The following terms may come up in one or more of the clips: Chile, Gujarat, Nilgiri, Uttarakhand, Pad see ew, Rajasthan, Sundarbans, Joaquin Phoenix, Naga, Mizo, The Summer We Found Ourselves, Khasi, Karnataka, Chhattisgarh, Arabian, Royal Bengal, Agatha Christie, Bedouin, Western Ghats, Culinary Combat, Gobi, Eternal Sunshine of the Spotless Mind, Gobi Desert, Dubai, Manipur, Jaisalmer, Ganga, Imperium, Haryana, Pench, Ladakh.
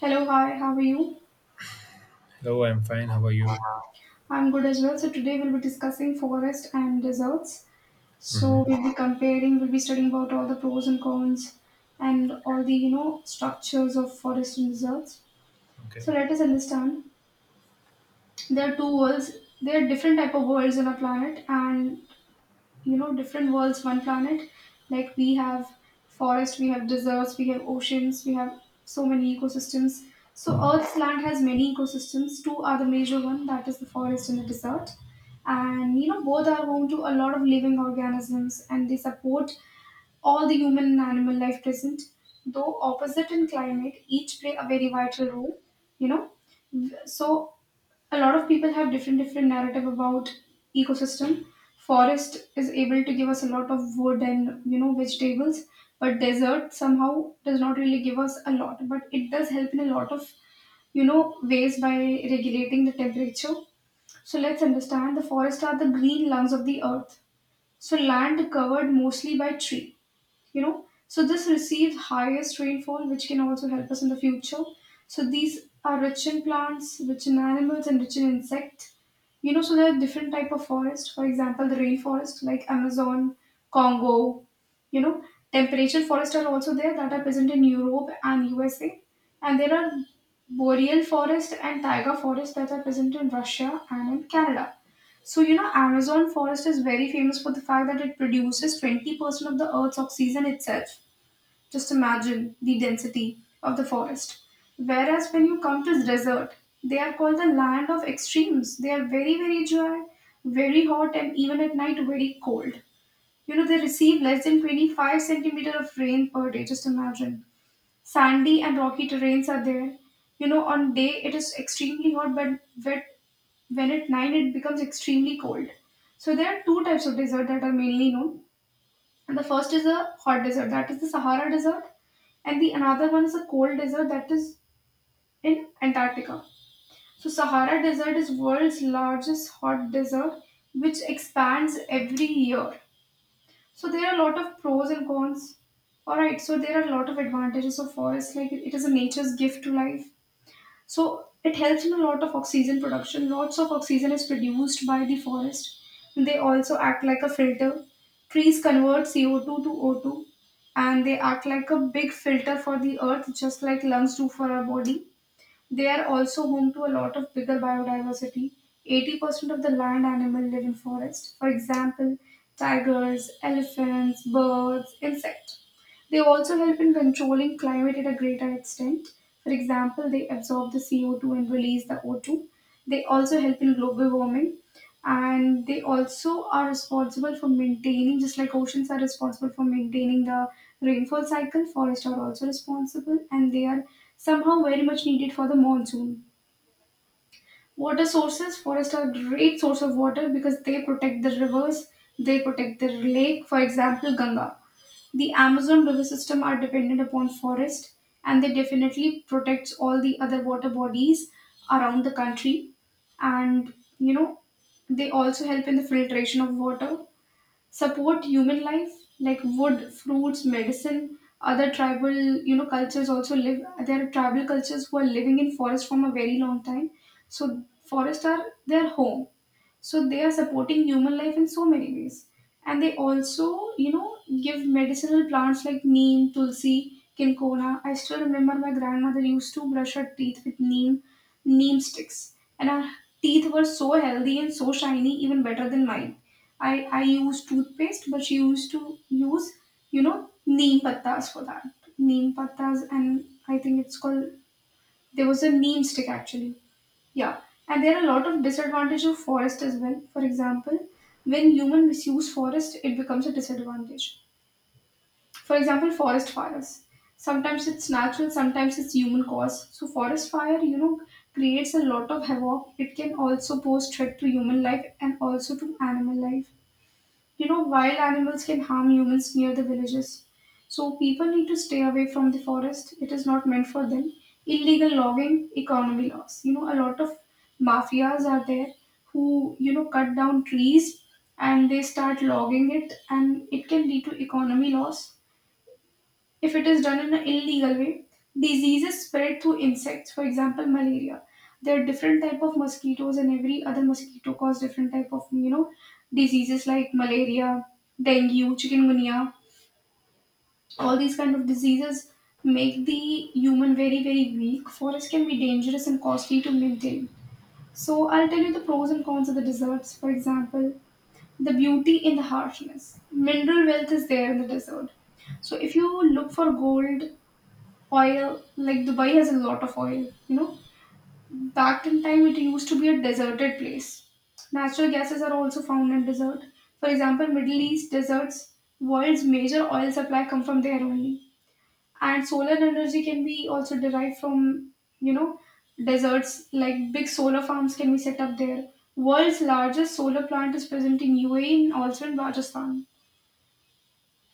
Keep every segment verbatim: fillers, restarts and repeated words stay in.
Hello, hi, how are you? Hello, I'm fine. How are you? I'm good as well. So today we'll be discussing forest and deserts. Mm-hmm. So we'll be comparing, we'll be studying about all the pros and cons and all the, you know, structures of forest and deserts. Okay. So let us understand there are two worlds, there are different type of worlds on our planet and you know different worlds one planet like we have forest, we have deserts, we have oceans, we have so many ecosystems. So earth's land has many ecosystems. Two are the major one, that is the forest and the desert. And you know both are home to a lot of living organisms, and they support all the human and animal life present. Though opposite in climate, each play a very vital role, you know. So a lot of people have different different narrative about ecosystem. Forest is able to give us a lot of wood and you know vegetables, but desert somehow does not really give us a lot, but it does help in a lot of, you know, ways by regulating the temperature. So let's understand the forests are the green lungs of the earth. So land covered mostly by trees, you know. So this receives highest rainfall which can also help us in the future. So these are rich in plants, rich in animals, and rich in insect, you know. So there are different type of forest. For example, the rainforest like Amazon, Congo, you know. Temperate forests are also there that are present in Europe and USA. And there are boreal forest and taiga forest that are present in Russia and in Canada. So, you know, Amazon forest is very famous for the fact that it produces twenty percent of the Earth's oxygen itself. Just imagine the density of the forest. Whereas when you come to the desert, they are called the land of extremes. They are very, very dry, very hot, and even at night, very cold. You know, they receive less than twenty-five centimeter of rain per day. Just imagine. Sandy and rocky terrains are there. You know, on day it is extremely hot, but wet when at night it becomes extremely cold. So there are two types of desert that are mainly known. And the first is a hot desert, that is the Sahara Desert, and the another one is a cold desert that is in Antarctica. So Sahara Desert is world's largest hot desert which expands every year. So there are a lot of pros and cons. Alright, so there are a lot of advantages of forest, like it is a nature's gift to life. So it helps in a lot of oxygen production. Lots of oxygen is produced by the forest. They also act like a filter. Trees convert C O two to O two, and they act like a big filter for the earth, just like lungs do for our body. They are also home to a lot of bigger biodiversity. eighty percent of the land animal live in forest. For example, tigers, elephants, birds, insects. They also help in controlling climate at a greater extent. For example, they absorb the C O two and release the O two. They also help in global warming, and they also are responsible for maintaining, just like oceans are responsible for maintaining the rainfall cycle, forests are also responsible, and they are somehow very much needed for the monsoon. Water sources: forests are great source of water because they protect the rivers, they protect the lake. For example, Ganga, the Amazon river system are dependent upon forest, and they definitely protects all the other water bodies around the country. And you know they also help in the filtration of water, support human life like wood, fruits, medicine. Other tribal, you know, cultures also live. There are tribal cultures who are living in forest from a very long time. So forests are their home, so they are supporting human life in so many ways. And they also, you know, give medicinal plants like neem, tulsi, kinkola. I still remember my grandmother used to brush her teeth with neem, neem sticks. And her teeth were so healthy and so shiny, even better than mine. I, I use toothpaste, but she used to use, you know, neem pattas for that. Neem pattas, and I think it's called, there was a neem stick actually, yeah. And there are a lot of disadvantages of forest as well. For example, when human misuse forest, it becomes a disadvantage. For example, forest fires. Sometimes it's natural, sometimes it's human cause. So forest fire, you know, creates a lot of havoc. It can also pose threat to human life and also to animal life. You know, wild animals can harm humans near the villages. So people need to stay away from the forest. It is not meant for them. Illegal logging, economy loss. You know, a lot of mafias are there who, you know, cut down trees and they start logging it, and it can lead to economy loss if it is done in an illegal way. Diseases spread through insects, for example, malaria. There are different type of mosquitoes, and every other mosquito cause different type of, you know, diseases like malaria, dengue, chikungunya. All these kind of diseases make the human very, very weak. Forests can be dangerous and costly to maintain. So I'll tell you the pros and cons of the deserts. For example, the beauty in the harshness. Mineral wealth is there in the desert. So if you look for gold, oil, like Dubai has a lot of oil, you know, back in time it used to be a deserted place. Natural gases are also found in desert, for example, Middle East deserts. World's major oil supply come from there only. And solar energy can be also derived from, you know, deserts. Like big solar farms can be set up there. World's largest solar plant is present in UAE and also in Rajasthan.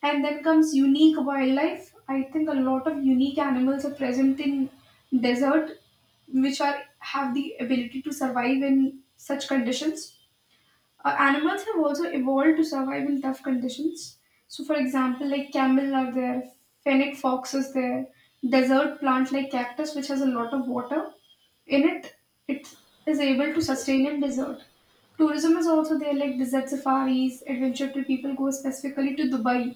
And then comes unique wildlife. I think a lot of unique animals are present in desert, which are have the ability to survive in such conditions. Uh, animals have also evolved to survive in tough conditions. So, for example, like camel are there, fennec fox is there, desert plant like cactus, which has a lot of water in it, it is able to sustain Yes. in desert. Tourism is also there, like desert safaris, adventure trip. People go specifically to Dubai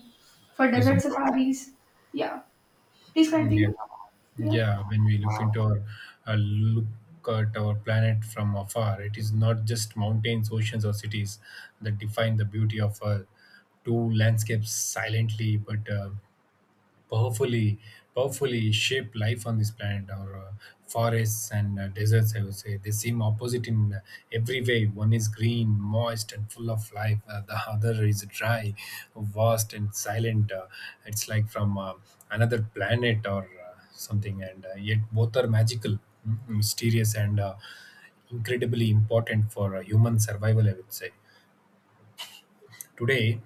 for Yes, desert of course. safaris. Yeah, please Mm, yes. continue. Yeah, Yeah. When we look into our uh, look at our planet from afar, it is not just mountains, oceans, or cities that define the beauty of Earth. Two landscapes silently but uh, powerfully powerfully shape life on this planet, our uh, forests and uh, deserts, I would say. They seem opposite in uh, every way. One is green, moist, and full of life, uh, the other is dry, vast, and silent. Uh, it's like from uh, another planet or uh, something, and uh, yet both are magical, mm, mysterious, and uh, incredibly important for uh, human survival, I would say. Today,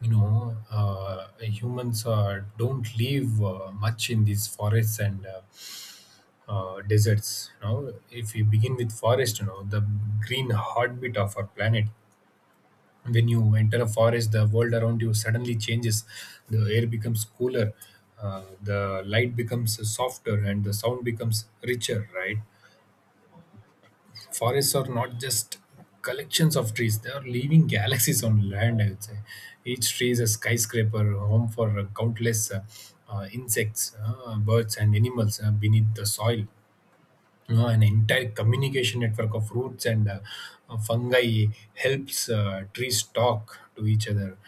you know, uh, humans uh, don't live uh, much in these forests and uh, uh, deserts. You know, if we begin with forest, you know, the green heartbeat of our planet. When you enter a forest, the world around you suddenly changes. The air becomes cooler, uh, the light becomes softer, and the sound becomes richer. Right? Forests are not just collections of trees, they are living galaxies on land, I would say. Each tree is a skyscraper, a home for countless uh, uh, insects, uh, birds, and animals. Uh, beneath the soil, uh, an entire communication network of roots and uh, uh, fungi helps uh, trees talk to each other,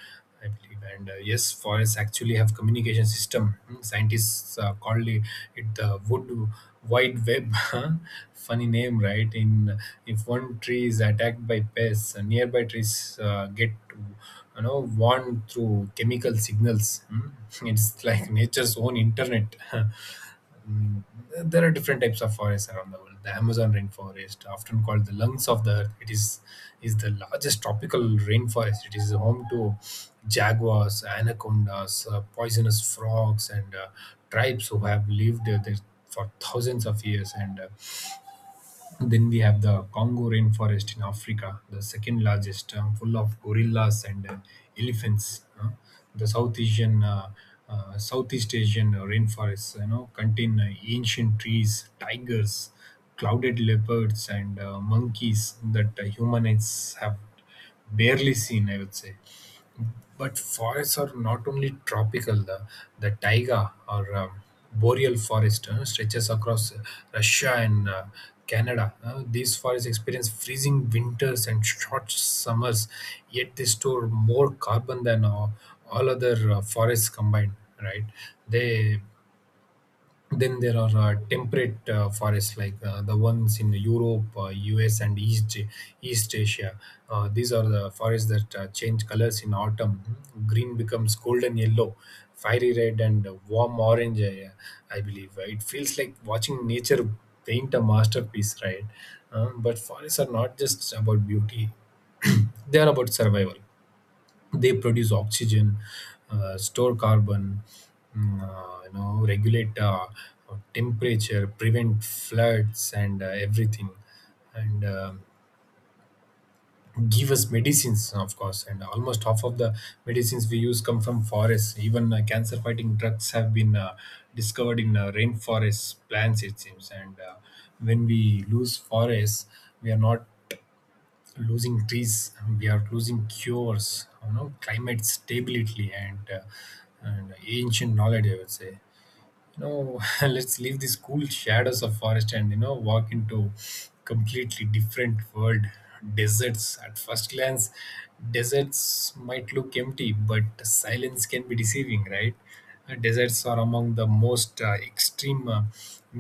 I believe. And uh, yes, forests actually have communication system. Mm, scientists uh, called it, it the wood wide web. Huh? Funny name, right? in If one tree is attacked by pests, uh, nearby trees uh, get to, you know, warned through chemical signals. Mm, it's like nature's own internet. Mm, there are different types of forests around the world. The Amazon rainforest, often called the lungs of the earth, it is is the largest tropical rainforest. It is home to jaguars, anacondas, uh, poisonous frogs, and uh, tribes who have lived uh, there for thousands of years. And uh, then we have the Congo rainforest in Africa, the second largest, um, full of gorillas and uh, elephants. Uh, the South Asian, uh, uh, Southeast Asian rainforests, you know, contain uh, ancient trees, tigers, clouded leopards, and uh, monkeys that uh, humans have barely seen, I would say. But forests are not only tropical. The, the taiga or um, boreal forest uh, stretches across Russia and uh, Canada. Uh, these forests experience freezing winters and short summers, yet they store more carbon than uh, all other uh, forests combined. Right? They Then there are uh, temperate uh, forests like uh, the ones in Europe, uh, U S, and East East Asia. Uh, these are the forests that uh, change colors in autumn. Green becomes golden yellow, fiery red, and warm orange. I, uh, I believe it feels like watching nature paint a masterpiece, right? Um, but forests are not just about beauty; they are about survival. They produce oxygen, uh, store carbon, mm, uh, you know, regulate uh, temperature, prevent floods, and uh, everything, and uh, give us medicines, of course. And almost half of the medicines we use come from forests. Even uh, cancer-fighting drugs have been uh, discovered in uh, rainforest plants, it seems. And uh, when we lose forests, we are not losing trees, we are losing cures, you know, climate stability, and, uh, and ancient knowledge, I would say. You know, let's leave these cool shadows of forest and, you know, walk into completely different world. Deserts, at first glance, deserts might look empty, but silence can be deceiving, right? Uh, deserts are among the most uh, extreme, uh,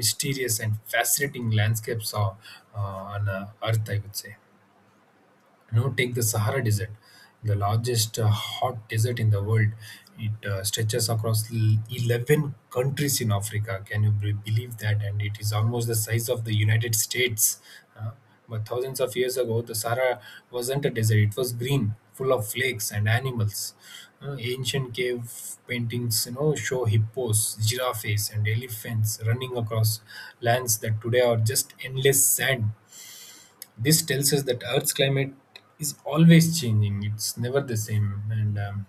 mysterious, and fascinating landscapes uh, uh, on uh, earth, I would say. You know, take the Sahara desert, the largest uh, hot desert in the world. It uh, stretches across l- eleven countries in Africa. Can you be- believe that? And it is almost the size of the United States. Uh, but thousands of years ago the Sahara wasn't a desert, it was green, full of flakes and animals. Uh, ancient cave paintings, you know, show hippos, giraffes, and elephants running across lands that today are just endless sand. This tells us that Earth's climate is always changing. It's never the same. And um,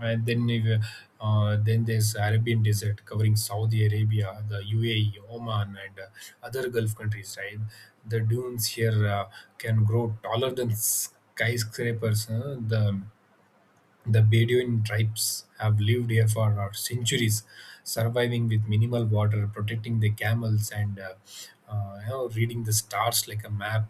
and then if, uh, then there's Arabian Desert covering Saudi Arabia, the U A E, Oman, and uh, other Gulf countries. Right, the dunes here uh, can grow taller than skyscrapers. Huh? The the Bedouin tribes have lived here for uh, centuries, surviving with minimal water, protecting their camels, and uh, uh, you know, reading the stars like a map.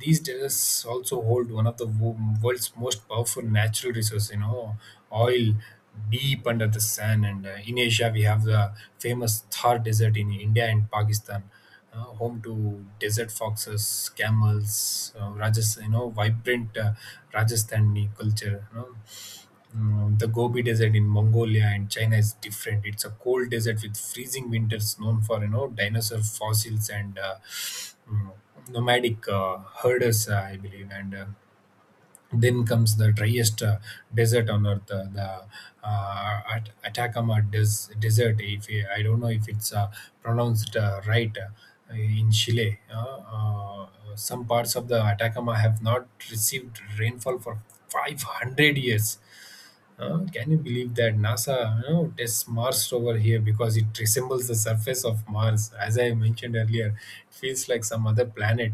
These deserts also hold one of the wo- world's most powerful natural resources, you know, oil, deep under the sand. And uh, in Asia we have the famous Thar desert in India and Pakistan, uh, home to desert foxes, camels, uh, rajas, you know, vibrant uh, Rajasthani culture, you know. Mm, the Gobi Desert in Mongolia and China is different. It's a cold desert with freezing winters, known for, you know, dinosaur fossils and uh, mm, nomadic uh, herders, uh, I believe. And uh, then comes the driest uh, desert on earth, uh, the uh, At- Atacama des- Desert. If you— I don't know if it's uh, pronounced uh, right. Uh, in Chile, uh, uh, some parts of the Atacama have not received rainfall for five hundred years. Uh, can you believe that NASA, you know, tests Mars rover here because it resembles the surface of Mars? As I mentioned earlier, it feels like some other planet.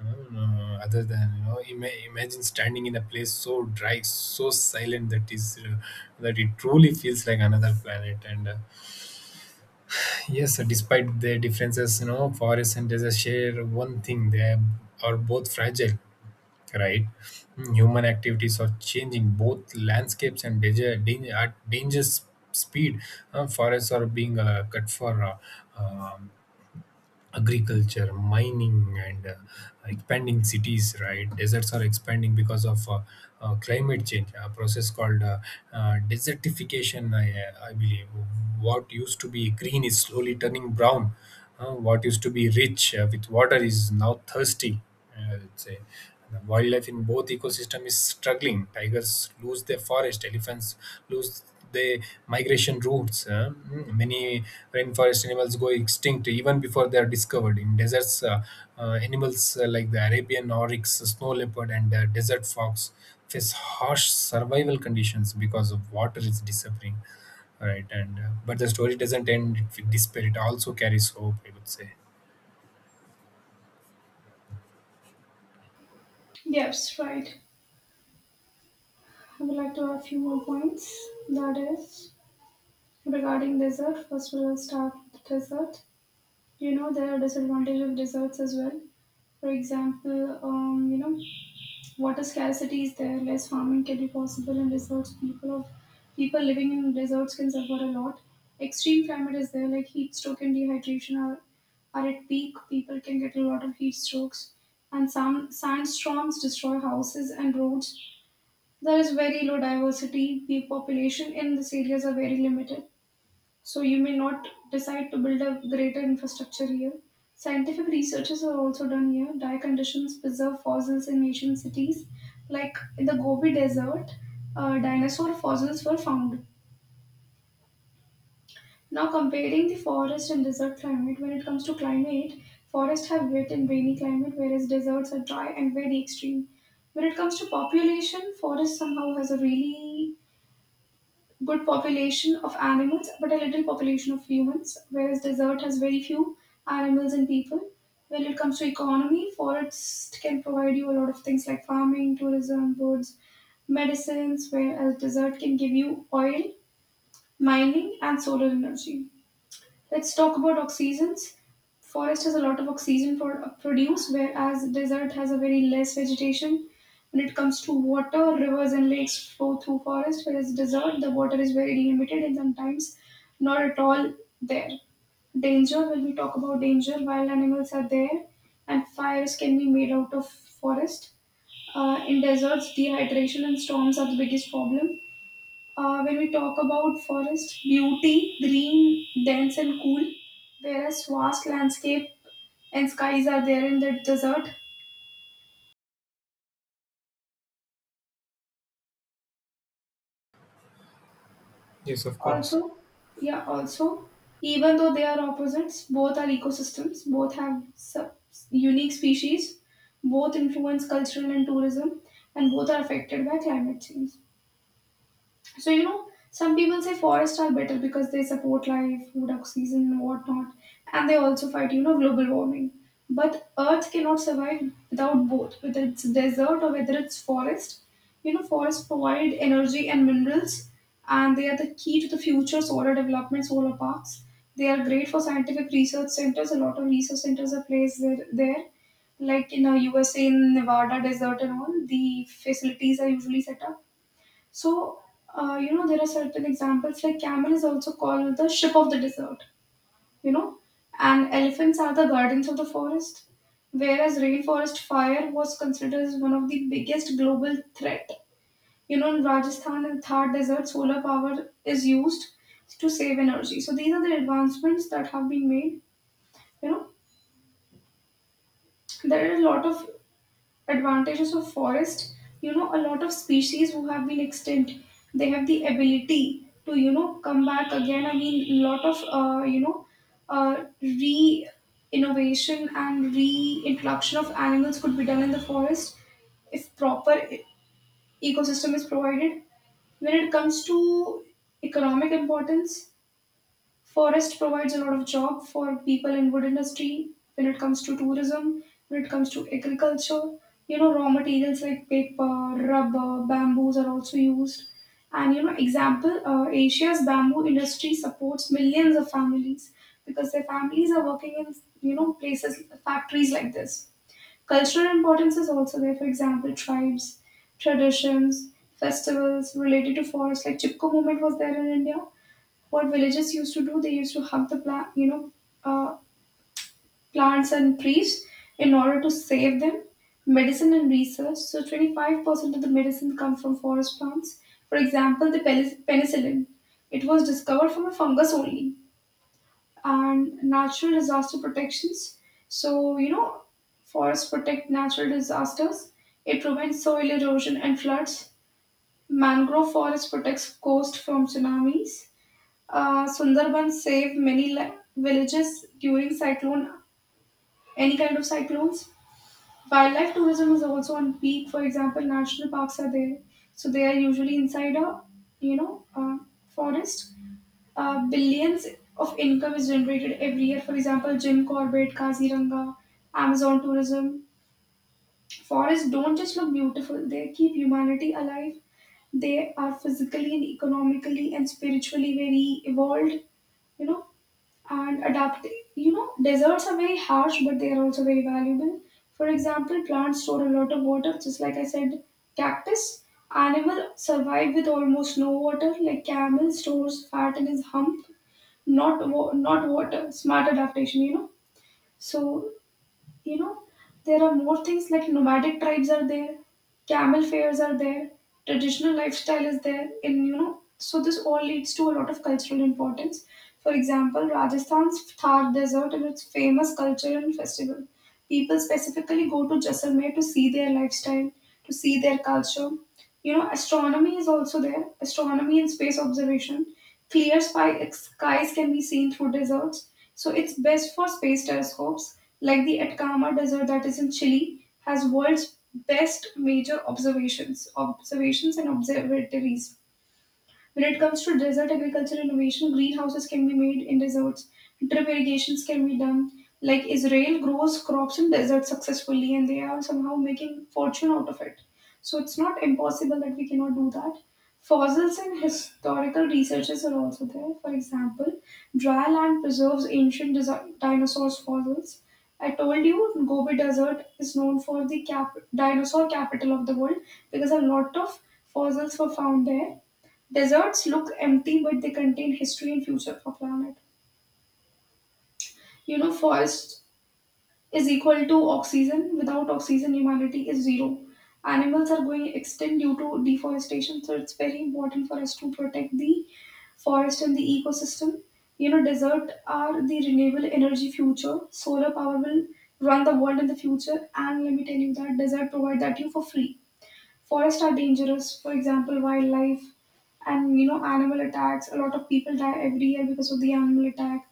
Uh, uh, other than, you know, ima- imagine standing in a place so dry, so silent that is uh, that it truly feels like another planet. And uh, yes, despite their differences, you know, forests and deserts share one thing: they are both fragile, right? Human activities are changing both landscapes, and danger, danger at dangerous speed. Uh, forests are being uh, cut for uh, um, agriculture, mining, and uh, expanding cities. Right, deserts are expanding because of uh, uh, climate change, a process called uh, uh, desertification, I, I believe. What used to be green is slowly turning brown. Uh, what used to be rich uh, with water is now thirsty, I would say. The wildlife in both ecosystem is struggling. Tigers lose their forest, elephants lose their migration routes. Uh, mm, many rainforest animals go extinct even before they are discovered. In deserts, uh, uh, animals uh, like the Arabian oryx, snow leopard, and uh, desert fox face harsh survival conditions because of water is disappearing. Right, and uh, but the story doesn't end with despair. It also carries hope, I would say. yes, right. I would like to add a few more points. That is. Regarding dessert, first we'll start with dessert. You know, there are disadvantages of desserts as well. For example, um, you know, water scarcity is there, less farming can be possible in deserts. People of people living in deserts can suffer a lot. Extreme climate is there, like heat stroke and dehydration are are at peak. People can get a lot of heat strokes, and some sandstorms destroy houses and roads. There is very low diversity. The population in these areas are very limited, so you may not decide to build a greater infrastructure here. Scientific researches are also done here. Dire conditions preserve fossils in ancient cities, like in the Gobi Desert, uh, dinosaur fossils were found. Now, comparing the forest and desert climate, when it comes to climate, forests have wet and rainy climate, whereas deserts are dry and very extreme. When it comes to population, forest somehow has a really good population of animals but a little population of humans, whereas desert has very few animals and people. When it comes to economy, forest can provide you a lot of things like farming, tourism, birds, medicines, whereas desert can give you oil, mining, and solar energy. Let's talk about oxygens. Forest has a lot of oxygen pro- produce, whereas desert has a very less vegetation. When it comes to water, rivers and lakes flow through forest, whereas desert, the water is very limited and sometimes not at all there. Danger, when we talk about danger, wild animals are there, and fires can be made out of forest. Uh, in deserts, dehydration and storms are the biggest problem. Uh, when we talk about forest beauty, green, dense, and cool, whereas vast landscape and skies are there in the desert. Yes, of course. Also, yeah, also, even though they are opposites, both are ecosystems, both have sub- unique species, both influence cultural and tourism, and both are affected by climate change. So you know, some people say forests are better because they support life, food, oxygen, and whatnot, and they also fight you know global warming. But Earth cannot survive without both, whether it's desert or whether it's forest. You know, forests provide energy and minerals, and they are the key to the future solar development, solar parks. They are great for scientific research centers. A lot of research centers are placed there. there. Like in the U S A, in Nevada desert and all, the facilities are usually set up so, uh, you know, there are certain examples like camel is also called the ship of the desert, you know, and elephants are the guardians of the forest. Whereas rainforest fire was considered as one of the biggest global threat. You know, in Rajasthan and Thar desert, solar power is used to save energy. So these are the advancements that have been made. You know, there are a lot of advantages of forest you know A lot of species who have been extinct, they have the ability to you know come back again I mean lot of uh, you know uh, re Innovation and reintroduction of animals could be done in the forest if proper e- ecosystem is provided. When it comes to economic importance, forest provides a lot of job for people in wood industry, when it comes to tourism, when it comes to agriculture. You know, raw materials like paper, rubber, bamboos are also used. And you know, example, uh, Asia's bamboo industry supports millions of families because their families are working in you know places, factories like this. Cultural importance is also there. For example, tribes, traditions, festivals related to forest, like Chipko movement was there in India. What villagers used to do, they used to hug the plant, you know, uh, plants and trees in order to save them. Medicine and research. So twenty-five percent of the medicine come from forest plants. For example, the peli- penicillin. It was discovered from a fungus only. And natural disaster protections. So, you know, forests protect natural disasters. It prevents soil erosion and floods. Mangrove forest protects coast from tsunamis. Uh, Sundarban saved many li- villages during cyclone, any kind of cyclones. Wildlife tourism is also on peak. For example, national parks are there, so they are usually inside a you know uh, forest. Uh, billions of income is generated every year. For example, Jim Corbett, Kaziranga, Amazon tourism. Forests don't just look beautiful; they keep humanity alive. They are physically and economically and spiritually very evolved. You know, and adapt you know Deserts are very harsh, but they are also very valuable. For example, plants store a lot of water, just like I said, cactus. Animal survive with almost no water, like camel stores fat in his hump, not wa- not water. Smart adaptation, you know so you know, there are more things like nomadic tribes are there, camel fairs are there, traditional lifestyle is there, and you know, so this all leads to a lot of cultural importance. For example, Rajasthan's Thar Desert and its famous culture and festival. People specifically go to Jaisalmer to see their lifestyle, to see their culture you know Astronomy is also there. Astronomy and space observation, clear spy- skies can be seen through deserts, so it's best for space telescopes like the Atacama Desert, that is in Chile, has world's best major observations observations and observatories. When it comes to desert agriculture innovation, greenhouses can be made in deserts, drip irrigations can be done. Like Israel grows crops in desert successfully and they are somehow making fortune out of it. So it's not impossible that we cannot do that. Fossils and historical researches are also there. For example, dry land preserves ancient desi- dinosaurs' fossils. I told you, Gobi Desert is known for the cap- dinosaur capital of the world because a lot of fossils were found there. Deserts look empty, but they contain history and future for planet. You know, forest is equal to oxygen. Without oxygen, humanity is zero. Animals are going extinct due to deforestation, so it's very important for us to protect the forest and the ecosystem. You know, desert are the renewable energy future. Solar power will run the world in the future, and let me tell you that desert provide that you for free. Forests are dangerous. For example, wildlife and you know animal attacks. A lot of people die every year because of the animal attack,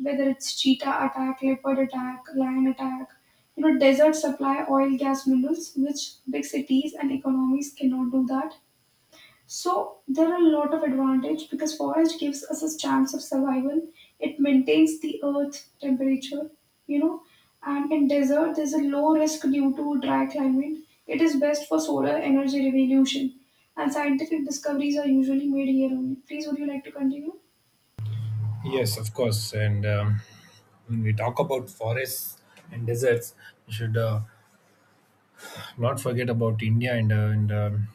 whether it's cheetah attack, leopard attack, lion attack. You know, deserts supply oil, gas, minerals, which big cities and economies cannot do that. So there are a lot of advantage because forest gives us a chance of survival. It maintains the earth temperature, you know, and in desert there's a low risk due to dry climate. It is best for solar energy revolution, and scientific discoveries are usually made here only. Please, would you like to continue? Yes, of course. And um, when we talk about forests and deserts, we should uh, not forget about India and, uh, and um,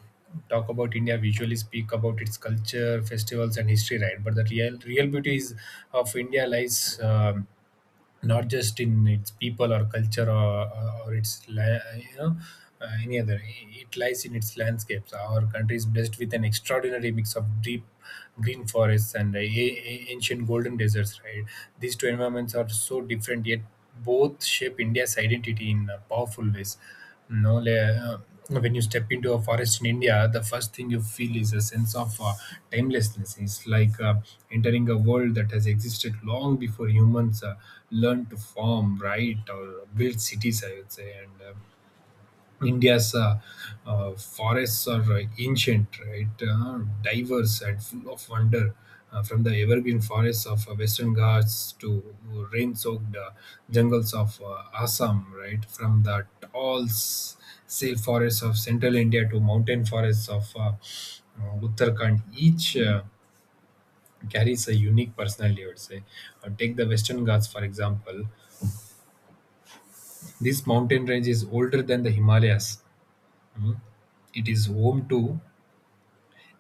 talk about India. We usually speak about its culture, festivals, and history, right? But the real real beauty is of India lies, um not just in its people or culture or, or, its li- you know, uh, any other, it lies in its landscapes. Our country is blessed with an extraordinary mix of deep green forests and uh, a- a- ancient golden deserts, right? These two environments are so different, yet both shape India's identity in uh, powerful ways. No, le- When you step into a forest in India, the first thing you feel is a sense of uh, timelessness. It's like uh, entering a world that has existed long before humans uh, learned to farm, write, or build cities, I would say. And uh, India's uh, uh, forests are uh, ancient, right? Uh, diverse and full of wonder. Uh, from the evergreen forests of uh, Western Ghats to rain-soaked uh, jungles of uh, Assam, right? From the tall s- sail forests of central India to mountain forests of uh, uh, Uttarakhand, each uh, carries a unique personality, I would say. Uh, take the Western Ghats, for example. This mountain range is older than the Himalayas. It is home to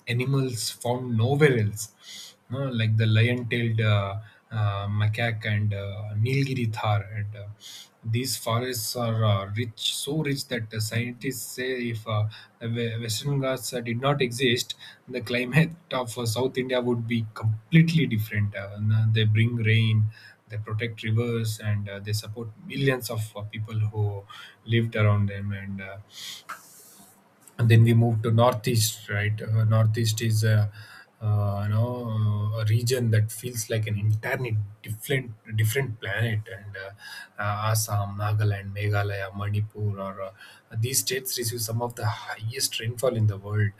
animals found nowhere else, no, like the lion-tailed uh, uh, macaque and uh, Nilgiri thar. And uh, these forests are uh, rich, so rich that the scientists say if uh, the Ve- Western Ghats uh, did not exist, the climate of uh, South India would be completely different. Uh, and uh, they bring rain, they protect rivers, and uh, they support millions of uh, people who lived around them. And uh, and then we move to northeast, right? Uh, northeast is a uh, you know, a region that feels like an entirely different different planet. And uh, uh, Assam, Nagaland, Meghalaya, Manipur, or uh, these states receive some of the highest rainfall in the world.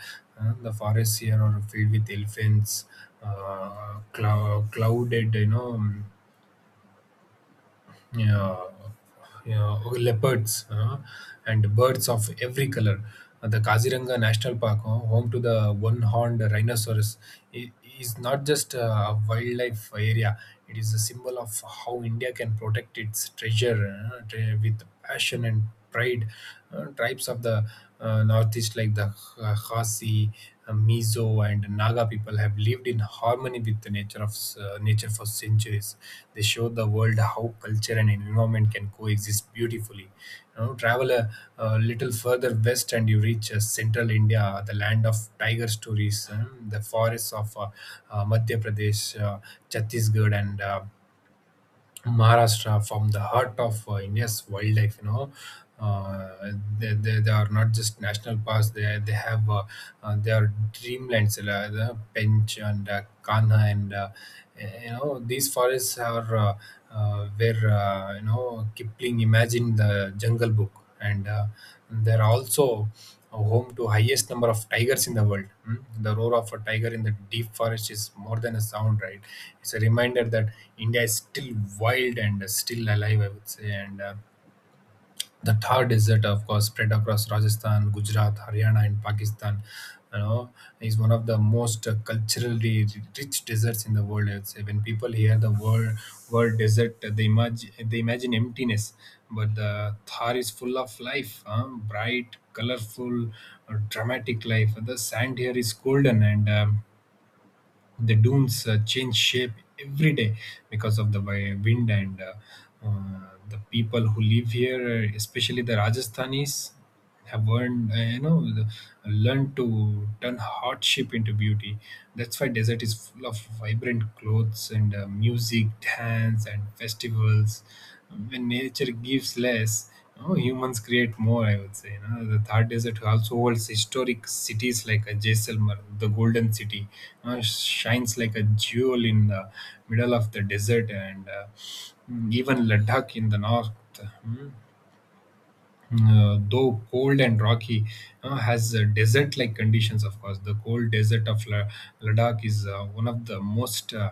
Uh, the forests here are filled with elephants, uh, clou- clouded, you know, yeah, yeah, okay, leopards, uh, and birds of every color. Uh, The Kaziranga National Park, uh, home to the one-horned rhinoceros, i- is not just a wildlife area. It is a symbol of how India can protect its treasure uh, tre- with passion and pride. Uh, tribes of the uh, northeast like the Kh- Khasi, uh, Mizo, and Naga people have lived in harmony with the nature of uh, nature for centuries. They show the world how culture and environment can coexist beautifully. You know, travel a, a little further west and you reach uh, central India, the land of tiger stories. Um, the forests of uh, uh, Madhya Pradesh, uh, Chhattisgarh, and uh, Maharashtra from the heart of uh, India's wildlife. You know, uh, they, they, they are not just national parks. They they have uh, uh, they are dreamlands. Uh, the Pench and uh, Kanha, and uh, you know, these forests are uh, uh, where uh, you know, Kipling imagined the Jungle Book, and uh, there are also home to highest number of tigers in the world. Hmm? The roar of a tiger in the deep forest is more than a sound, right? It's a reminder that India is still wild and uh, still alive, I would say. And uh, the Thar Desert, of course, spread across Rajasthan, Gujarat, Haryana, and Pakistan, you know, is one of the most uh, culturally rich deserts in the world. I would say when people hear the word word desert, they imagine they imagine emptiness, but the Thar is full of life, huh? Bright, colorful, uh, dramatic life. The sand here is golden, and um, the dunes uh, change shape every day because of the wi- wind. And uh, uh, the people who live here, uh, especially the Rajasthanis, have learned, uh, you know the- learned to turn hardship into beauty. That's why desert is full of vibrant clothes and uh, music, dance, and festivals. When nature gives less, Oh, humans create more, I would say. You know, the Thar Desert also holds historic cities like a Jaisalmer, the Golden City, uh, shines like a jewel in the middle of the desert, and uh, mm, even Ladakh in the north. mm, uh, though cold and rocky, uh, has uh, desert-like conditions. Of course, the cold desert of La- Ladakh is uh, one of the most uh,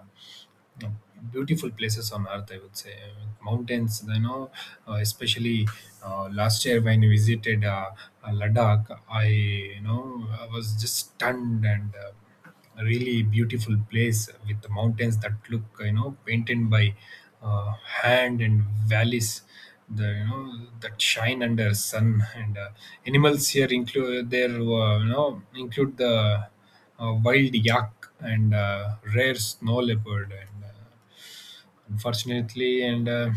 no, beautiful places on earth, I would say. I mean, mountains, you know, uh, especially uh, last year when I visited uh, uh, Ladakh, I you know I was just stunned. And uh, a really beautiful place with the mountains that look, you know, painted by uh, hand, and valleys, the you know that shine under sun. And uh, animals here include there uh, you know include the uh, wild yak and uh, rare snow leopard. And uh, unfortunately and uh,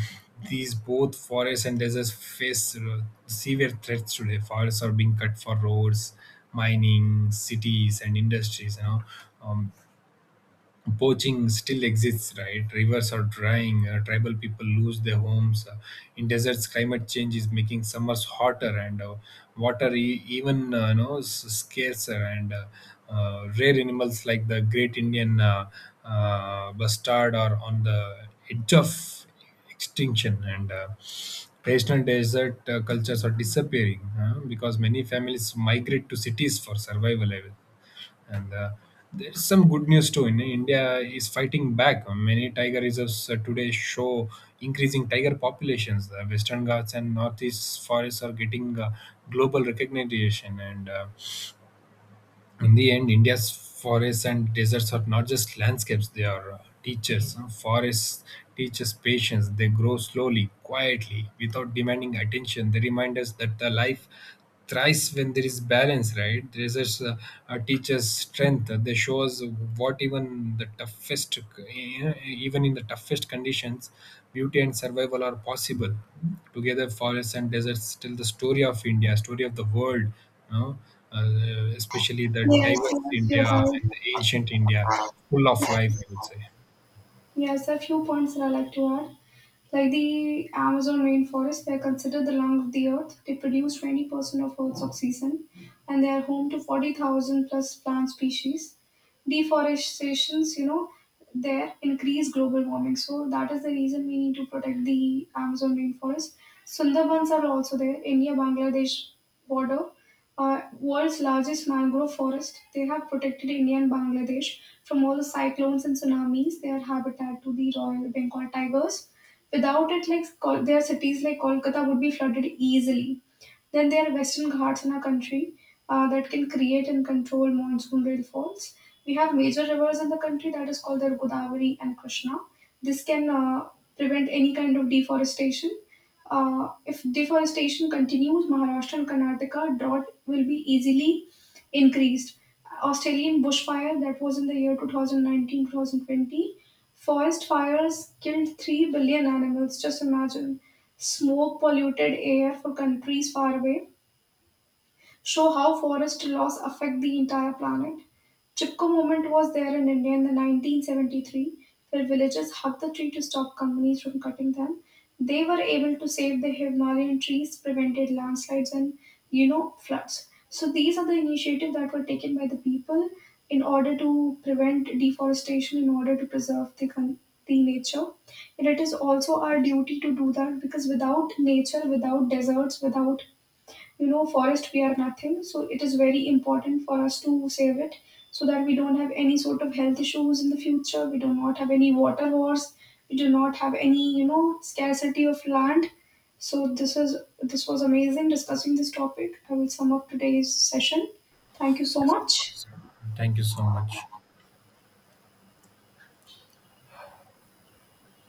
these both forests and deserts face uh, severe threats today. Forests are being cut for roads, mining, cities, and industries, you know. um, Poaching still exists, right? Rivers are drying, uh, tribal people lose their homes. Uh, in deserts, climate change is making summers hotter, and uh, water e- even, uh, you know s- scarcer. And uh, uh, rare animals like the great Indian uh, uh, bustard are on the edge of extinction. And uh, traditional desert uh, cultures are disappearing, uh, because many families migrate to cities for survival. I will and uh, there's some good news too. In india is fighting back. Many tiger reserves uh, today show increasing tiger populations. The Western Ghats and northeast forests are getting uh, global recognition. And uh, in the end, India's forests and deserts are not just landscapes, they are uh, teachers. Uh, Forests teach us patience. They grow slowly, quietly, without demanding attention. They remind us that the life thrives when there is balance, right? Deserts uh, uh, teach us strength. Uh, they show us what even the toughest, uh, even in the toughest conditions, beauty and survival are possible. Together, forests and deserts tell the story of India, story of the world, you know, uh, especially the Yes, diverse yes, you're India right. and the ancient India, full of life, I would say. Yes, a few points that I like to add. Like the Amazon rainforest, they are considered the lung of the earth. They produce twenty percent of Earth's oxygen and they are home to forty thousand plus plant species. Deforestations, you know, there increase global warming. So that is the reason we need to protect the Amazon rainforest. Sundarbans are also there, India Bangladesh border, uh, world's largest mangrove forest. They have protected India and Bangladesh from all the cyclones and tsunamis. They are habitat to the Royal Bengal tigers. Without it, like Kol- their cities like Kolkata would be flooded easily. Then there are western ghats in our country, uh, that can create and control monsoon rainfalls. We have major rivers in the country that is called the Godavari and Krishna. This can uh, prevent any kind of deforestation. Uh, if deforestation continues, Maharashtra and Karnataka drought will be easily increased. Australian bushfire that was in the year twenty nineteen twenty twenty, forest fires killed three billion animals. Just imagine smoke polluted air for countries far away show how forest loss affect the entire planet. Chipko movement was there in India in the nineteen seventy-three, where villagers hugged the tree to stop companies from cutting them. They were able to save the Himalayan trees, prevented landslides and you know floods. So these are the initiatives that were taken by the people in order to prevent deforestation, in order to preserve the con- the nature. And it is also our duty to do that because without nature, without deserts, without you know forest, we are nothing. So it is very important for us to save it so that we don't have any sort of health issues in the future, we do not have any water wars, we do not have any you know scarcity of land. So this is, this was amazing discussing this topic. I will sum up today's session. Thank you so Yes, of much. course. Thank you so much.